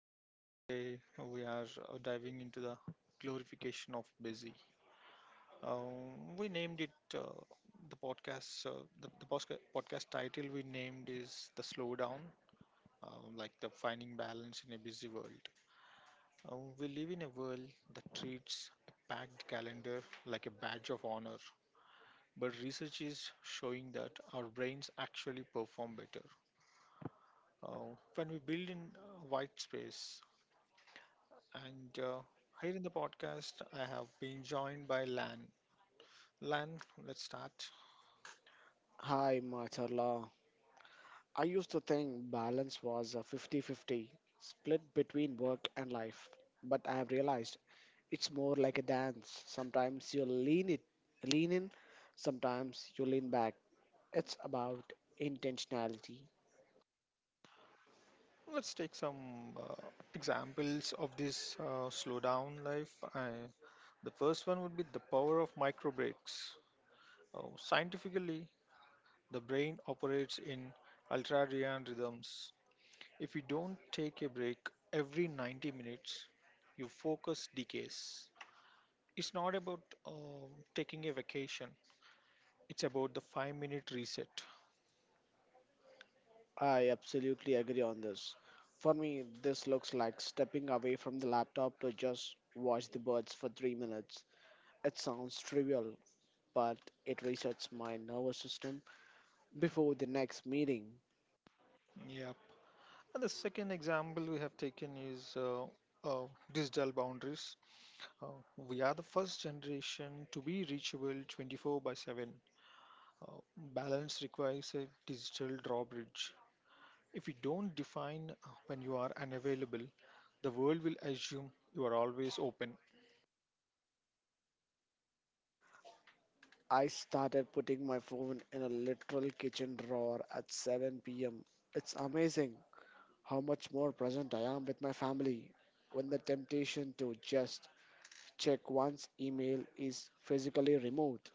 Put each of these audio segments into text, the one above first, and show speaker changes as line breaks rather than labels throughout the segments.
And today we are diving into the glorification of busy. We named it the podcast. The podcast title we named is the slowdown, like the finding balance in a busy world. We live in a world that treats a packed calendar like a badge of honor. But research is showing that our brains actually perform better uh, when we build in white space. And here in the podcast, I have been joined by Lan. Lan, let's start.
Hi, Macharla. I used to think balance was a 50-50 split between work and life, but I have realized it's more like a dance. Sometimes you lean in, sometimes you lean back. It's about intentionality.
Let's take some examples of this slowdown life. The first one would be the power of micro breaks. Scientifically, the brain operates in ultradian rhythms. If you don't take a break every 90 minutes, your focus decays. It's not about taking a vacation, it's about the 5 minute reset.
I absolutely agree on this. For me, this looks like stepping away from the laptop to just watch the birds for 3 minutes. It sounds trivial, but it resets my nervous system before the next meeting.
Yeah. And the second example we have taken is uh, digital boundaries. Uh, we are the first generation to be reachable 24 by 7. Uh, balance requires a digital drawbridge. If you don't define when you are unavailable, the world will assume you are always open.
I started putting my phone in a literal kitchen drawer at 7 pm. It's amazing how much more present I am with my family when the temptation to just check one's email is physically removed.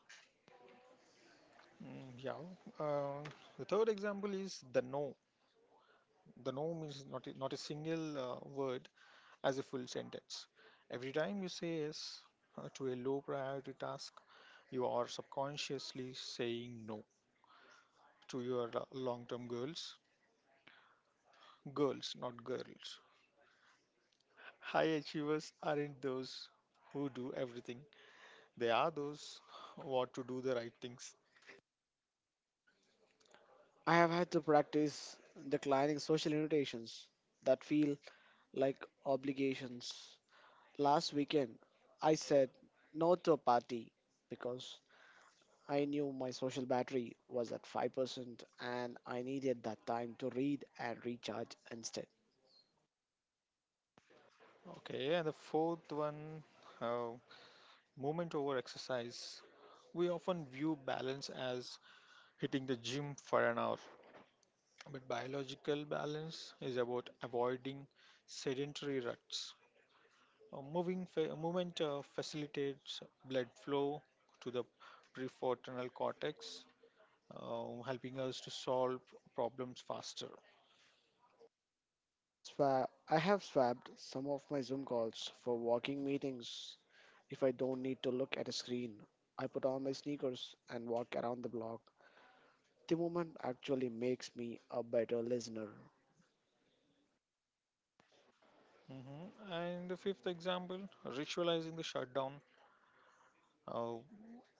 Mm, yeah. Uh, the third example is the no. The no means not a single word as a full sentence. Every time you say yes to a low priority task, you are subconsciously saying no to your long term goals. Girls, not girls. High achievers aren't those who do everything, they are those who want to do the right things.
I have had to practice declining social invitations that feel like obligations. Last weekend, I said no to a party because I knew my social battery was at 5% and I needed that time to read and recharge instead.
Okay, and the fourth one, uh, movement over exercise. We often view balance as hitting the gym for an hour. But biological balance is about avoiding sedentary ruts. Movement facilitates blood flow to the prefrontal cortex, helping us to solve problems faster.
I have swapped some of my Zoom calls for walking meetings. If I don't need to look at a screen, I put on my sneakers and walk around the block. The movement actually makes me a better listener.
Hmm. And the fifth example, ritualizing the shutdown. Uh,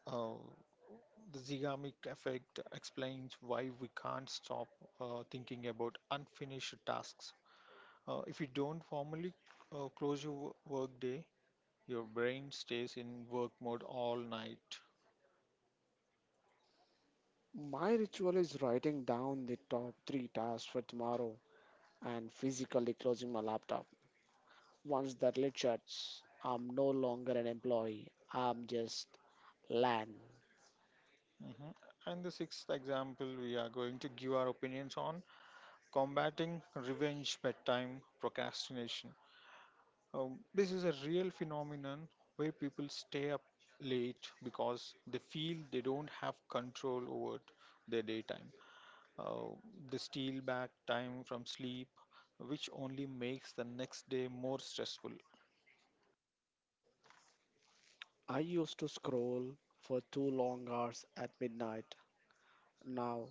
uh, the zygamic effect explains why we can't stop thinking about unfinished tasks. If you don't formally close your workday, your brain stays in work mode all night.
My ritual is writing down the top three tasks for tomorrow and physically closing my laptop. Once the Richards, I'm no longer an employee, I'm just land.
Mhm. And the sixth example, we are going to give our opinions on combating revenge bedtime procrastination. This is a real phenomenon where people stay up late because they feel they don't have control over their daytime. Uh, they steal back time from sleep, which only makes the next day more stressful.
I used to scroll for 2 long hours at midnight. Now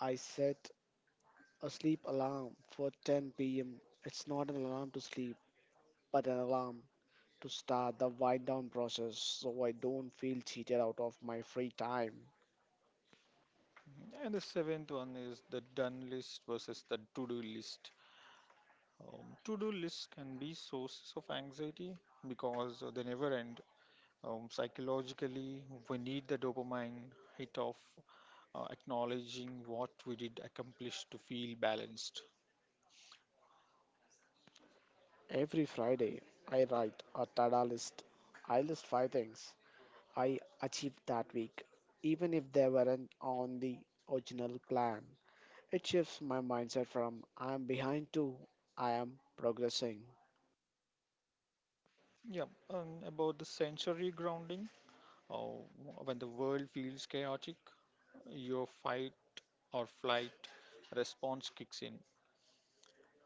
I set a sleep alarm for 10 pm. It's not an alarm to sleep, but an alarm to start the wind down process so I don't feel cheated out of my free time.
And the seventh one is the done list versus the to do list. To-do lists can be sources of anxiety because they never end. Psychologically, we need the dopamine hit of acknowledging what we did accomplish to feel balanced.
Every Friday, I write a tada list. I list five things I achieved that week, even if they weren't on the original plan. It shifts my mindset from I am behind to I am progressing.
Yeah, and about the sensory grounding, uh, when the world feels chaotic, your fight or flight response kicks in.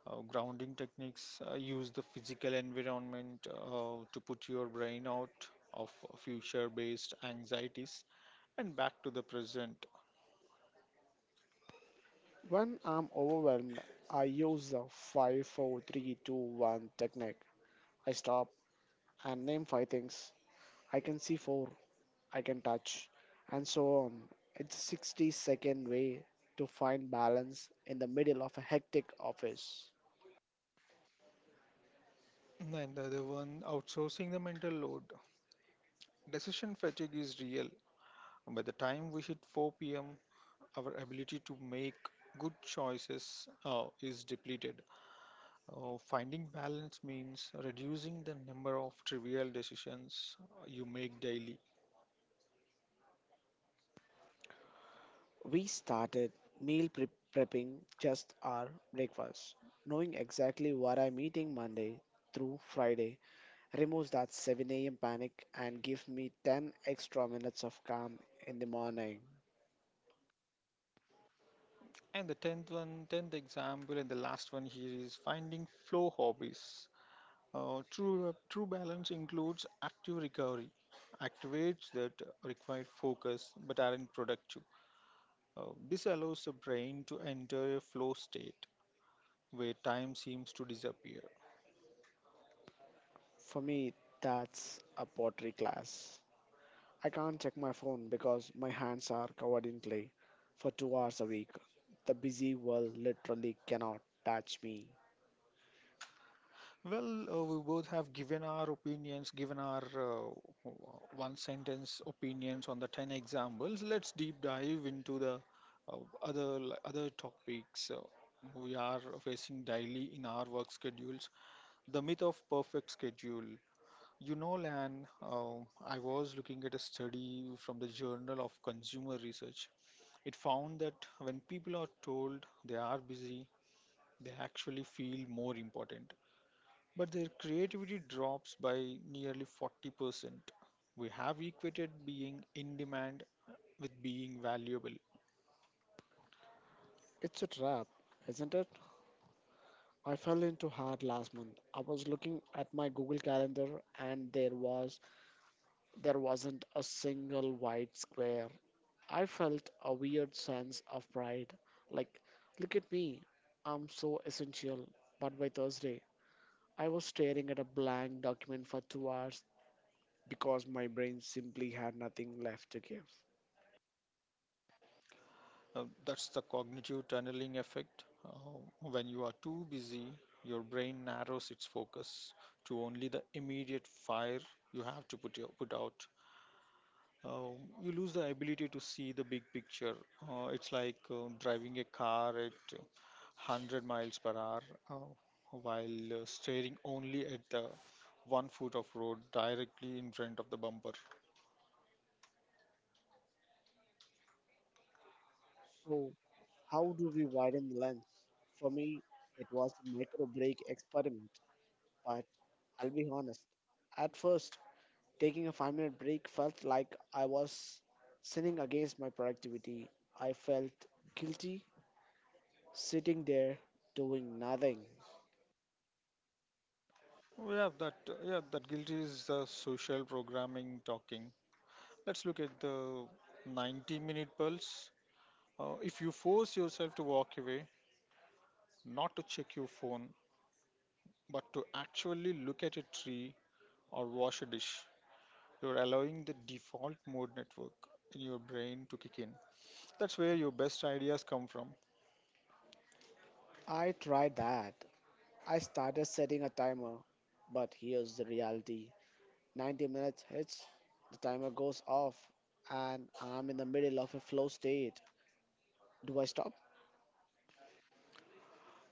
Grounding techniques use the physical environment to put your brain out of future based anxieties and back to the present.
When I'm overwhelmed, I use the five, four, three, two, one technique. I stop and name 5 things. I can see 4, I can touch, and so on. It's a 60-second way to find balance in the middle of a hectic office.
And the other one, outsourcing the mental load. Decision fatigue is real. By the time we hit 4 p.m., our ability to make good choices is depleted. Finding balance means reducing the number of trivial decisions you make daily.
We started meal pre- prepping just our breakfast. Knowing exactly what I'm eating Monday through Friday removes that 7 a.m. panic and gives me 10 extra minutes of calm in the morning.
And the tenth one, tenth example, and the last one here is finding flow hobbies. True balance includes active recovery, activates that require focus but aren't productive. This allows the brain to enter a flow state where time seems to disappear.
For me, that's a pottery class. I can't check my phone because my hands are covered in clay for 2 hours a week. The busy world literally cannot touch me.
Well, we both have given our opinions, given our one sentence opinions on the 10 examples. Let's deep dive into the uh, other other topics we are facing daily in our work schedules. The myth of perfect schedule. You know, Lan, I was looking at a study from the Journal of Consumer Research. It found that when people are told they are busy, they actually feel more important but their creativity drops by nearly 40%. We have equated being in demand with being valuable.
It's a trap, isn't it? I fell into hard last month. I was looking at my Google Calendar and there wasn't a single white square. I felt a weird sense of pride. Like, look at me. I'm so essential. But by Thursday, I was staring at a blank document for 2 hours because my brain simply had nothing left to give.
That's the cognitive tunneling effect. When you are too busy, your brain narrows its focus to only the immediate fire you have to put out. uh, you lose the ability to see the big picture. It's like driving a car at 100 miles per hour uh, while staring only at the one foot of road directly in front of the bumper.
So, how do we widen the lens? For me, it was a micro break experiment, but I'll be honest. At first, taking a 5 minute break felt like I was sinning against my productivity. I felt guilty sitting there doing nothing.
Oh, Yeah, that yeah, that guilt is the social programming talking. Let's look at the 90-minute pulse. If you force yourself to walk away, not to check your phone, but to actually look at a tree or wash a dish, you're allowing the default mode network in your brain to kick in. That's where your best ideas come from.
I tried that. I started setting a timer, but here's the reality. 90 minutes hits, the timer goes off, and I'm in the middle of a flow state. Do I stop?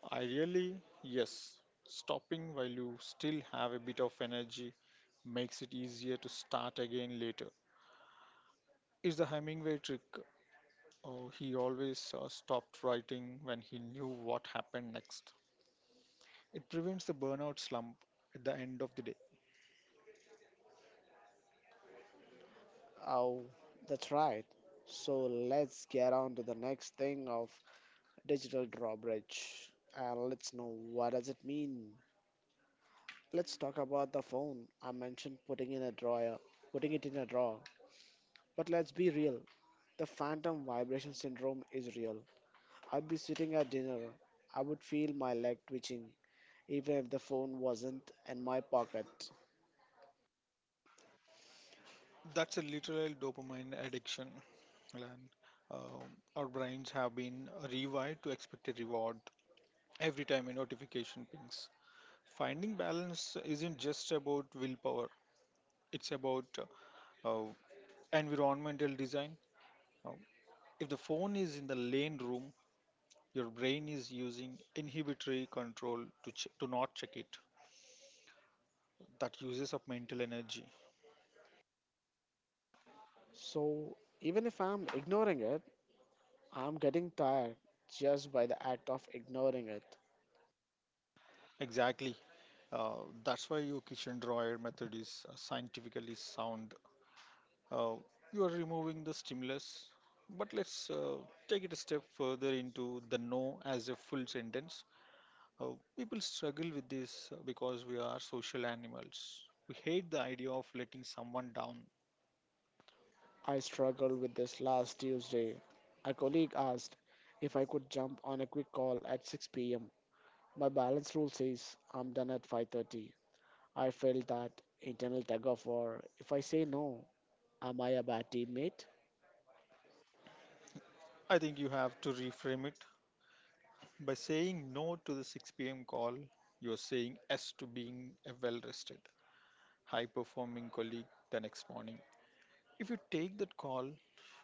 Ideally, yes, stopping while you still have a bit of energy makes it easier to start again later. It's the Hemingway trick. Oh, he always stopped writing when he knew what happened next. It prevents the burnout slump at the end of the day.
Oh, that's right. So let's get on to the next thing of digital drawbridge and let's know what does it mean. Let's talk about the phone I mentioned putting it in a drawer. But let's be real. The phantom vibration syndrome is real. I'd be sitting at dinner. I would feel my leg twitching, even if the phone wasn't in my pocket.
That's a literal dopamine addiction. And um, our brains have been rewired to expect a reward every time a notification pings. Finding balance isn't just about willpower, it's about uh, environmental design. Uh, if the phone is in the lane room, your brain is using inhibitory control to not check it. That uses up mental energy.
So, even if I'm ignoring it, I'm getting tired just by the act of ignoring it.
Exactly. Uh, that's why your kitchen drawer method is scientifically sound. Uh, you are removing the stimulus, but let's take it a step further into the no as a full sentence. Uh, People struggle with this because we are social animals. We hate the idea of letting someone down.
I struggled with this last Tuesday. A colleague asked if I could jump on a quick call at 6 pm. My balance rule says I'm done at 5:30. I felt that internal tug of war. If I say no, am I a bad teammate?
I think you have to reframe it. By saying no to the 6 p.m. call, you're saying yes to being a well rested, high performing colleague the next morning. If you take that call,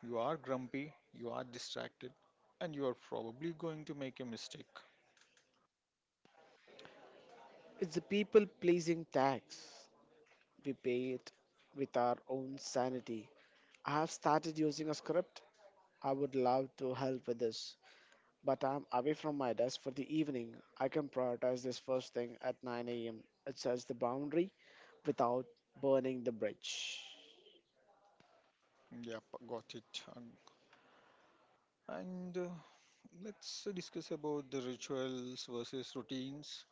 you are grumpy, you are distracted, and you are probably going to make a mistake.
It's a people pleasing tax. We pay it with our own sanity. I have started using a script. I would love to help with this, but I'm away from my desk for the evening. I can prioritize this first thing at 9 a.m. It sets the boundary without burning the bridge.
Yep, got it. And let's discuss about the rituals versus routines.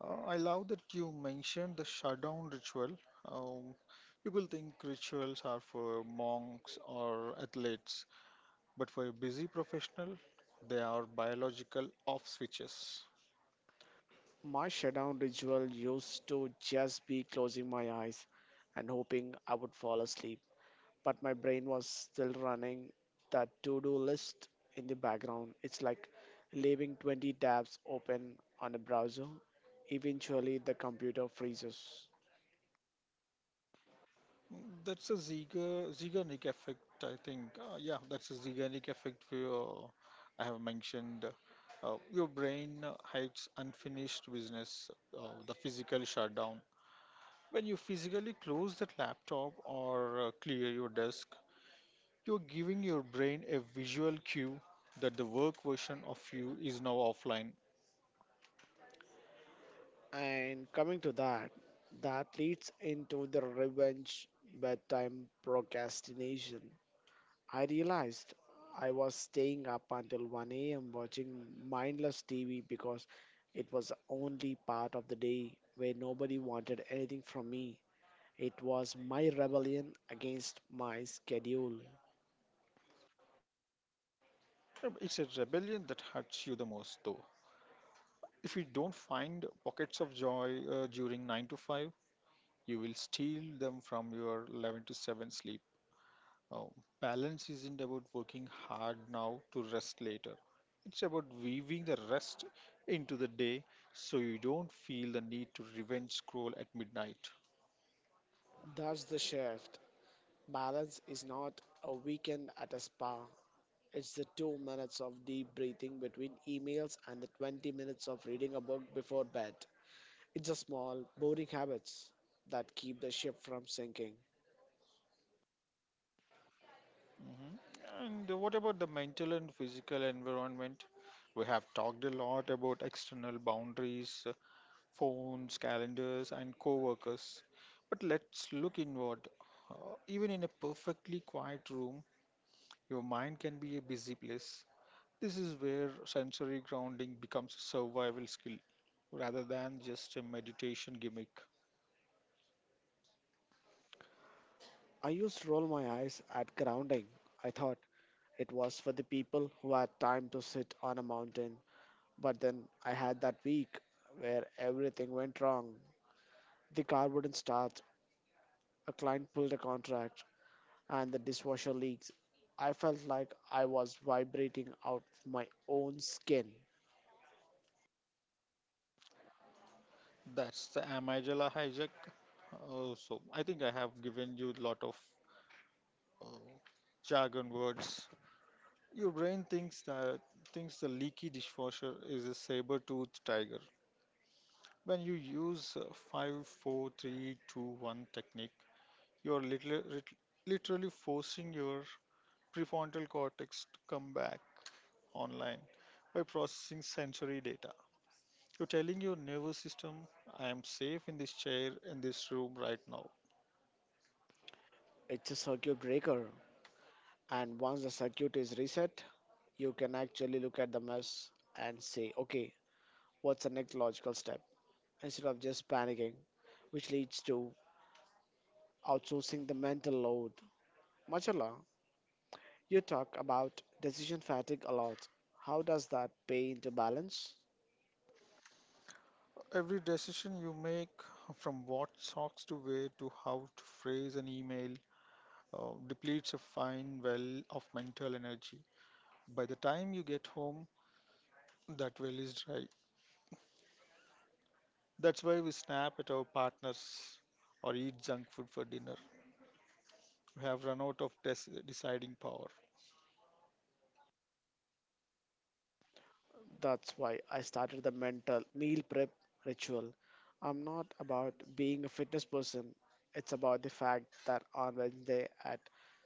I love that you mentioned the shutdown ritual. Um, People think rituals are for monks or athletes, but for a busy professional, they are biological off switches.
My shutdown ritual used to just be closing my eyes and hoping I would fall asleep, but my brain was still running that to do list in the background. It's like leaving 20 tabs open on a browser. Eventually, the computer freezes.
Zeigarnik effect, I think. Yeah, that's a Zeigarnik effect I have mentioned. Your brain hides unfinished business, the physical shutdown. When you physically close that laptop or clear your desk, you're giving your brain a visual cue that the work version of you is now offline.
And coming to that, that leads into the revenge bedtime procrastination. I realized I was staying up until 1 a.m. watching mindless TV because it was the only part of the day where nobody wanted anything from me. It was my rebellion against my schedule.
It's a rebellion that hurts you the most, though. If you don't find pockets of joy during 9 to 5, you will steal them from your 11 to 7 sleep. Oh, balance isn't about working hard now to rest later. It's about weaving the rest into the day so you don't feel the need to revenge scroll at midnight.
That's the shift. Balance is not a weekend at a spa. It's the 2 minutes of deep breathing between emails and the 20 minutes of reading a book before bed. It's the small, boring habits that keep the ship from sinking.
Mhm. And what about the mental and physical environment? We have talked a lot about external boundaries, phones, calendars, and coworkers. But let's look inward. Even in a perfectly quiet room, your mind can be a busy place. This is where sensory grounding becomes a survival skill rather than just a meditation gimmick.
I used to roll my eyes at grounding. I thought it was for the people who had time to sit on a mountain. But then I had that week where everything went wrong. The car wouldn't start, a client pulled a contract, and the dishwasher leaks. I felt like I was vibrating out of my own skin.
That's the amygdala hijack. So I think I have given you a lot of Oh, Jargon words. Your brain thinks the leaky dishwasher is a saber-toothed tiger. When you use five, four, three, two, one technique, you are literally forcing your prefrontal cortex to come back online by processing sensory data. You're telling your nervous system, I am safe in this chair, in this room right now.
It's a circuit breaker, and once the circuit is reset, you can actually look at the mess and say, okay, what's the next logical step, instead of just panicking, which leads to outsourcing the mental load. Machala, you talk about decision fatigue a lot. How does that pay into balance?
Every decision you make, from what socks to wear to how to phrase an email, depletes a fine well of mental energy. By the time you get home, that well is dry. That's why we snap at our partners or eat junk food for dinner. We have run out of des- Deciding power.
That's why I started the mental meal prep ritual. I'm not about being a fitness person, it's about the fact that on Wednesday at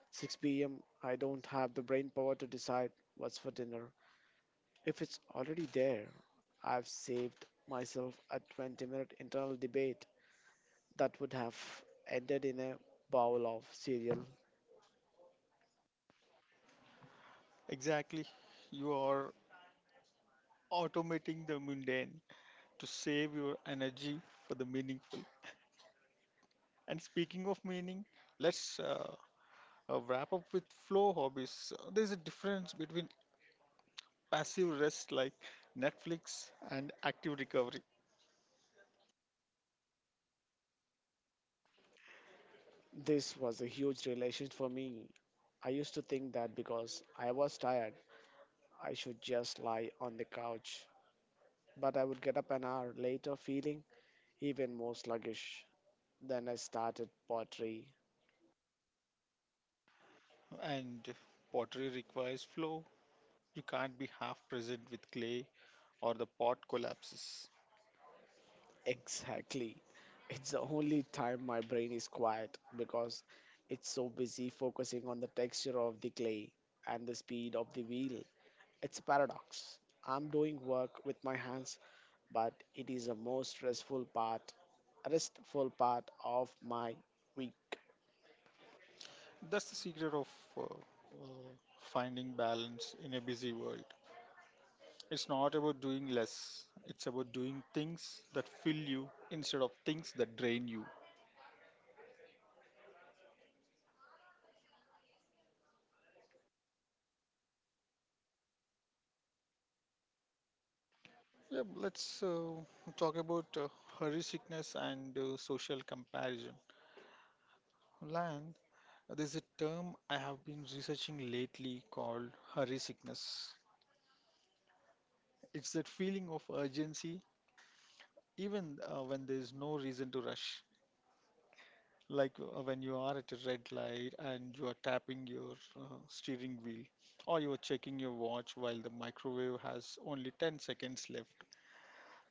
6 p.m., I don't have the brain power to decide what's for dinner. If it's already there, I've saved myself a 20-minute internal debate that would have ended in a bowl of cereal.
Exactly. You are automating the mundane to save your energy for the meaningful. And speaking of meaning, let's wrap up with flow hobbies. There's a difference between passive rest like Netflix and active recovery.
This was a huge revelation for me. I used to think that because I was tired, I should just lie on the couch. But I would get up an hour later feeling even more sluggish. Then I started pottery.
And pottery requires flow. You can't be half present with clay or the pot collapses.
Exactly. It's the only time my brain is quiet because it's so busy focusing on the texture of the clay and the speed of the wheel. It's a paradox. I'm doing work with my hands, but it is the most restful part of my week.
That's the secret of uh, uh, finding balance in a busy world. It's not about doing less, it's about doing things that fill you instead of things that drain you. Yeah, let's talk about hurry sickness and social comparison. Lan, there's a term I have been researching lately called hurry sickness. It's that feeling of urgency, even when there's no reason to rush. Like when you are at a red light and you are tapping your steering wheel, or you are checking your watch while the microwave has only 10 seconds left.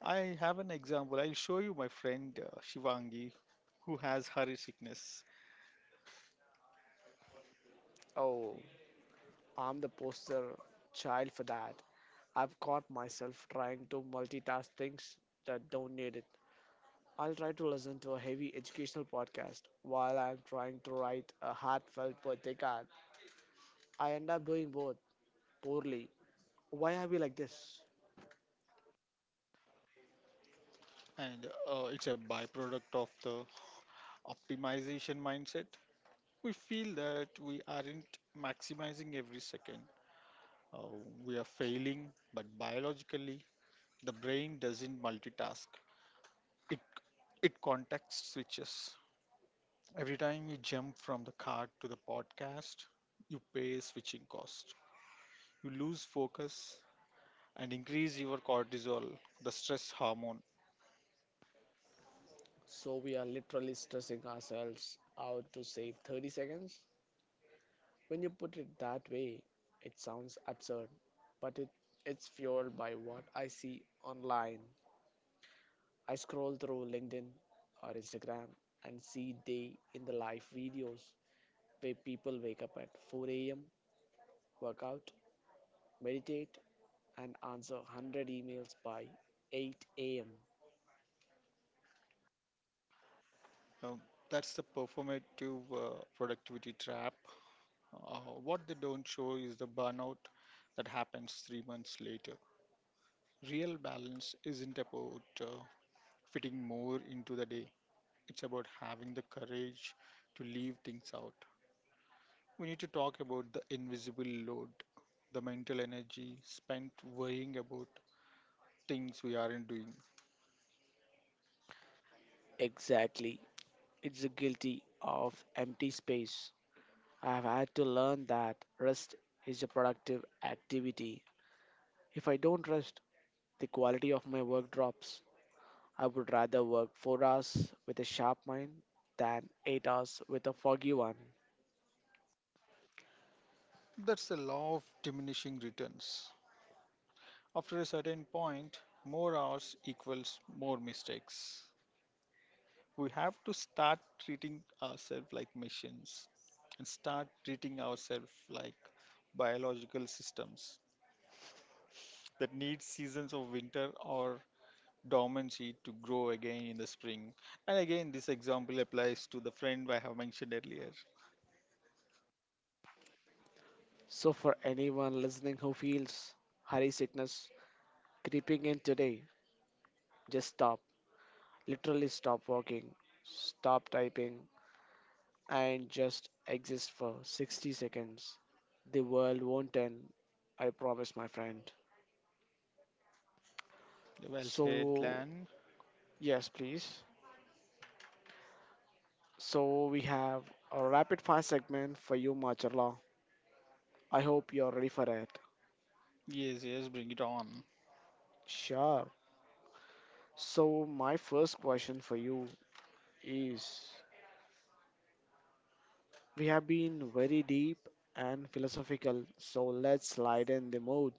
I have an example. I'll show you my friend Shivangi, who has hurry sickness,
Oh, I'm the poster child for that. I've caught myself trying to multitask things that don't need it. I'll try to listen to a heavy educational podcast while I'm trying to write a heartfelt birthday card. I end up doing both poorly. Why are we like this?
And it's a byproduct of the optimization mindset. We feel that we aren't maximizing every second. uh, we are failing, but biologically, the brain doesn't multitask. It it context switches. Every time you jump from the cart to the podcast, you pay switching cost. You lose focus and increase your cortisol, the stress hormone.
So we are literally stressing ourselves out to save 30 seconds. When you put it that way, it sounds absurd, but it's fueled by what I see online. I scroll through LinkedIn or Instagram and see day in the life videos where people wake up at 4 a.m., work out, meditate, and answer 100 emails by 8 a.m.
Now, that's the performative productivity trap. Uh, what they don't show is the burnout that happens 3 months later. Real balance isn't about fitting more into the day. It's about having the courage to leave things out. We need to talk about the invisible load, the mental energy spent worrying about things we aren't doing.
Exactly. It's the guilty of empty space. I have had to learn that rest is a productive activity. If I don't rest, the quality of my work drops. I would rather work 4 hours with a sharp mind than 8 hours with a foggy one.
That's the law of diminishing returns. After a certain point, more hours equals more mistakes. We have to start treating ourselves like machines and start treating ourselves like biological systems that need seasons of winter or dormancy to grow again in the spring. And again, this example applies to the friend I have mentioned earlier.
So, for anyone listening who feels hurry sickness creeping in today, just stop. Literally, stop working, stop typing, and just exist for 60 seconds. The world won't end, I promise, my friend.
Well said,
So,
Lan.
yes, please. So we have a rapid fire segment for you, Machala. I hope you're ready for it.
Yes, yes, bring it on.
Sure. So my first question for you is we have been very deep and philosophical, so let's lighten the mood.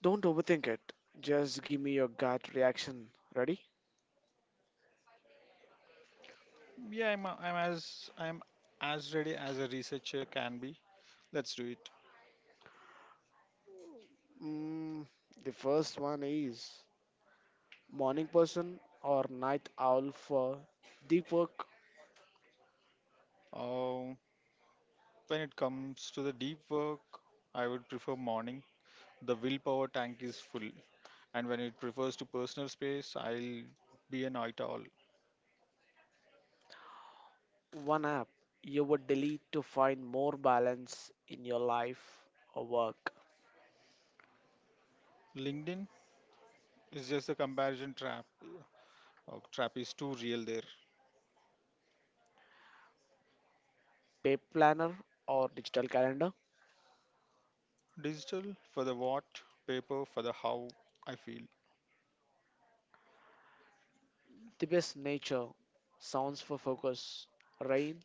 Don't overthink it. Just give me your gut reaction. Ready?
Yeah, I'm as ready as a researcher can be. Let's do it.
Mm, the first one is morning person or night owl for deep work.
Uh, when it comes to the deep work, I would prefer morning. The willpower tank is full, and when it prefers to personal space, I'll be a night owl.
One app you would delete to find more balance in your life or work.
LinkedIn is just a comparison trap. Trap is too real there.
Paper planner or digital calendar.
Digital for the what, paper for the how I feel.
The best nature sounds for focus, rain,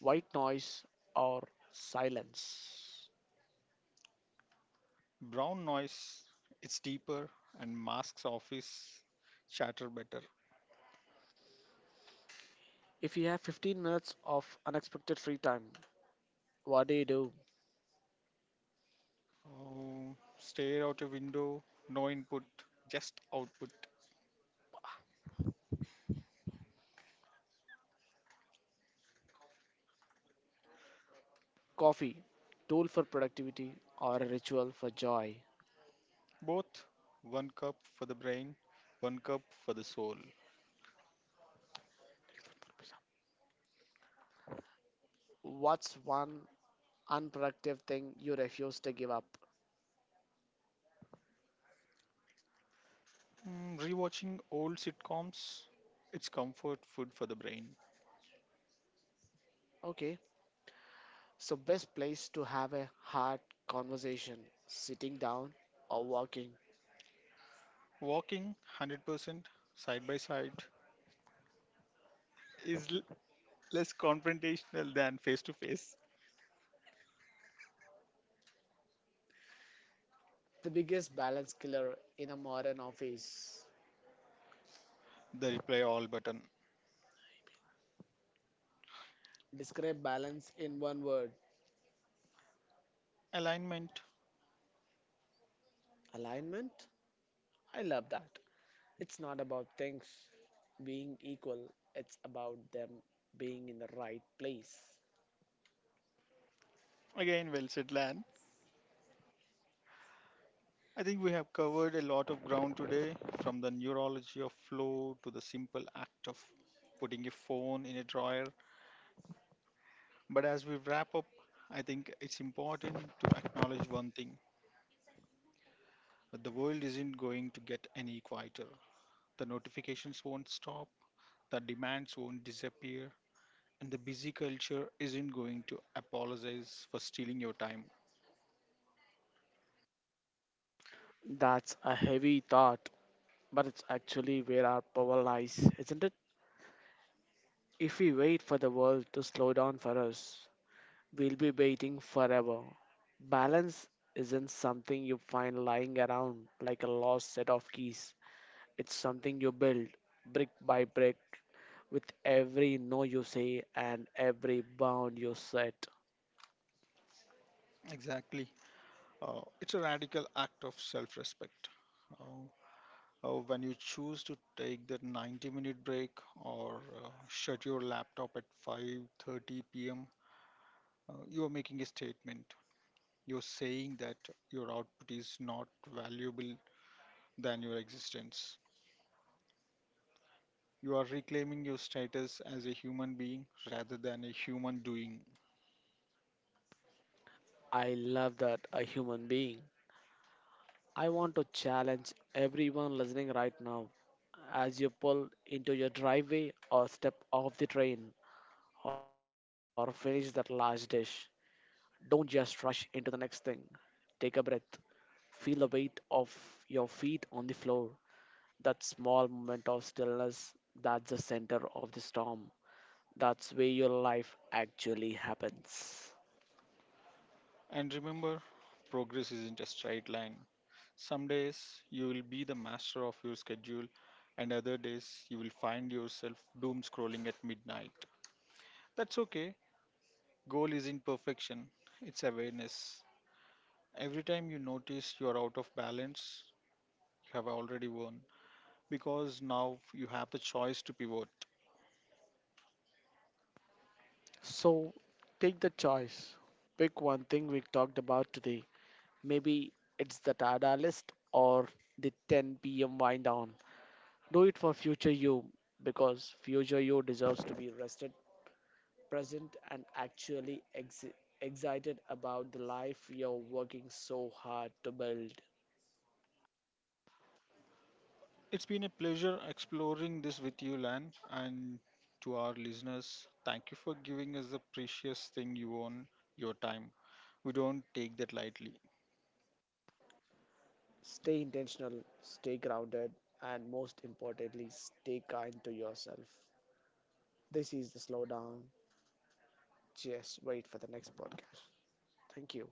white noise, or silence.
Brown noise, it's deeper and masks office chatter better.
If you have 15 minutes of unexpected free time, what do you do?
Oh, stare out a window, no input, just output.
Coffee, tool for productivity, or a ritual for joy?
Both, one cup for the brain, one cup for the soul.
What's one unproductive thing you refuse to give up?
Mm, rewatching old sitcoms, it's comfort food for the brain.
Okay, so, best place to have a hard conversation, sitting down or walking.
Walking 100% side by side is less confrontational than face to face.
The biggest balance killer in a modern office.
The reply all button.
Describe balance in one word,
Alignment.
alignment. I love that. It's not about things being equal, it's about them being in the right place.
Again, well said, Lan. I think we have covered a lot of ground today, from the neurology of flow to the simple act of putting a phone in a drawer. But as we wrap up, I think it's important to acknowledge one thing, that the world isn't going to get any quieter. The notifications won't stop, the demands won't disappear, and the busy culture isn't going to apologize for stealing your time.
That's a heavy thought, but it's actually where our power lies, isn't it? If we wait for the world to slow down for us, will be waiting forever. Balance isn't something you find lying around like a lost set of keys. It's something you build brick by brick with every no you say and every bound you set.
Exactly. It's a radical act of self respect. When you choose to take that 90-minute break or shut your laptop at 5:30 p.m., you are making a statement. You're saying that your output is not valuable than your existence. You are reclaiming your status as a human being rather than a human doing.
I love that, a human being. I want to challenge everyone listening right now as you pull into your driveway or step off the train or finish that last dish. Don't just rush into the next thing. Take a breath. Feel the weight of your feet on the floor. That small moment of stillness, that's the center of the storm. That's where your life actually happens.
And remember, progress isn't a straight line. Some days you will be the master of your schedule, and other days you will find yourself doom scrolling at midnight. That's okay. Goal isn't perfection, it's awareness. Every time you notice you're out of balance, you have already won because now you have the choice to pivot.
So take the choice. Pick one thing we talked about today. Maybe it's the Tada list or the 10 p.m. wind down. Do it for future you, because future you deserves to be rested, present, and actually excited about the life you're working so hard to build.
It's been a pleasure exploring this with you, Lan, and to our listeners, thank you for giving us the precious thing you own, your time. We don't take that lightly.
Stay intentional, stay grounded, and most importantly, stay kind to yourself. This is the slowdown. Just wait for the next podcast. Thank you.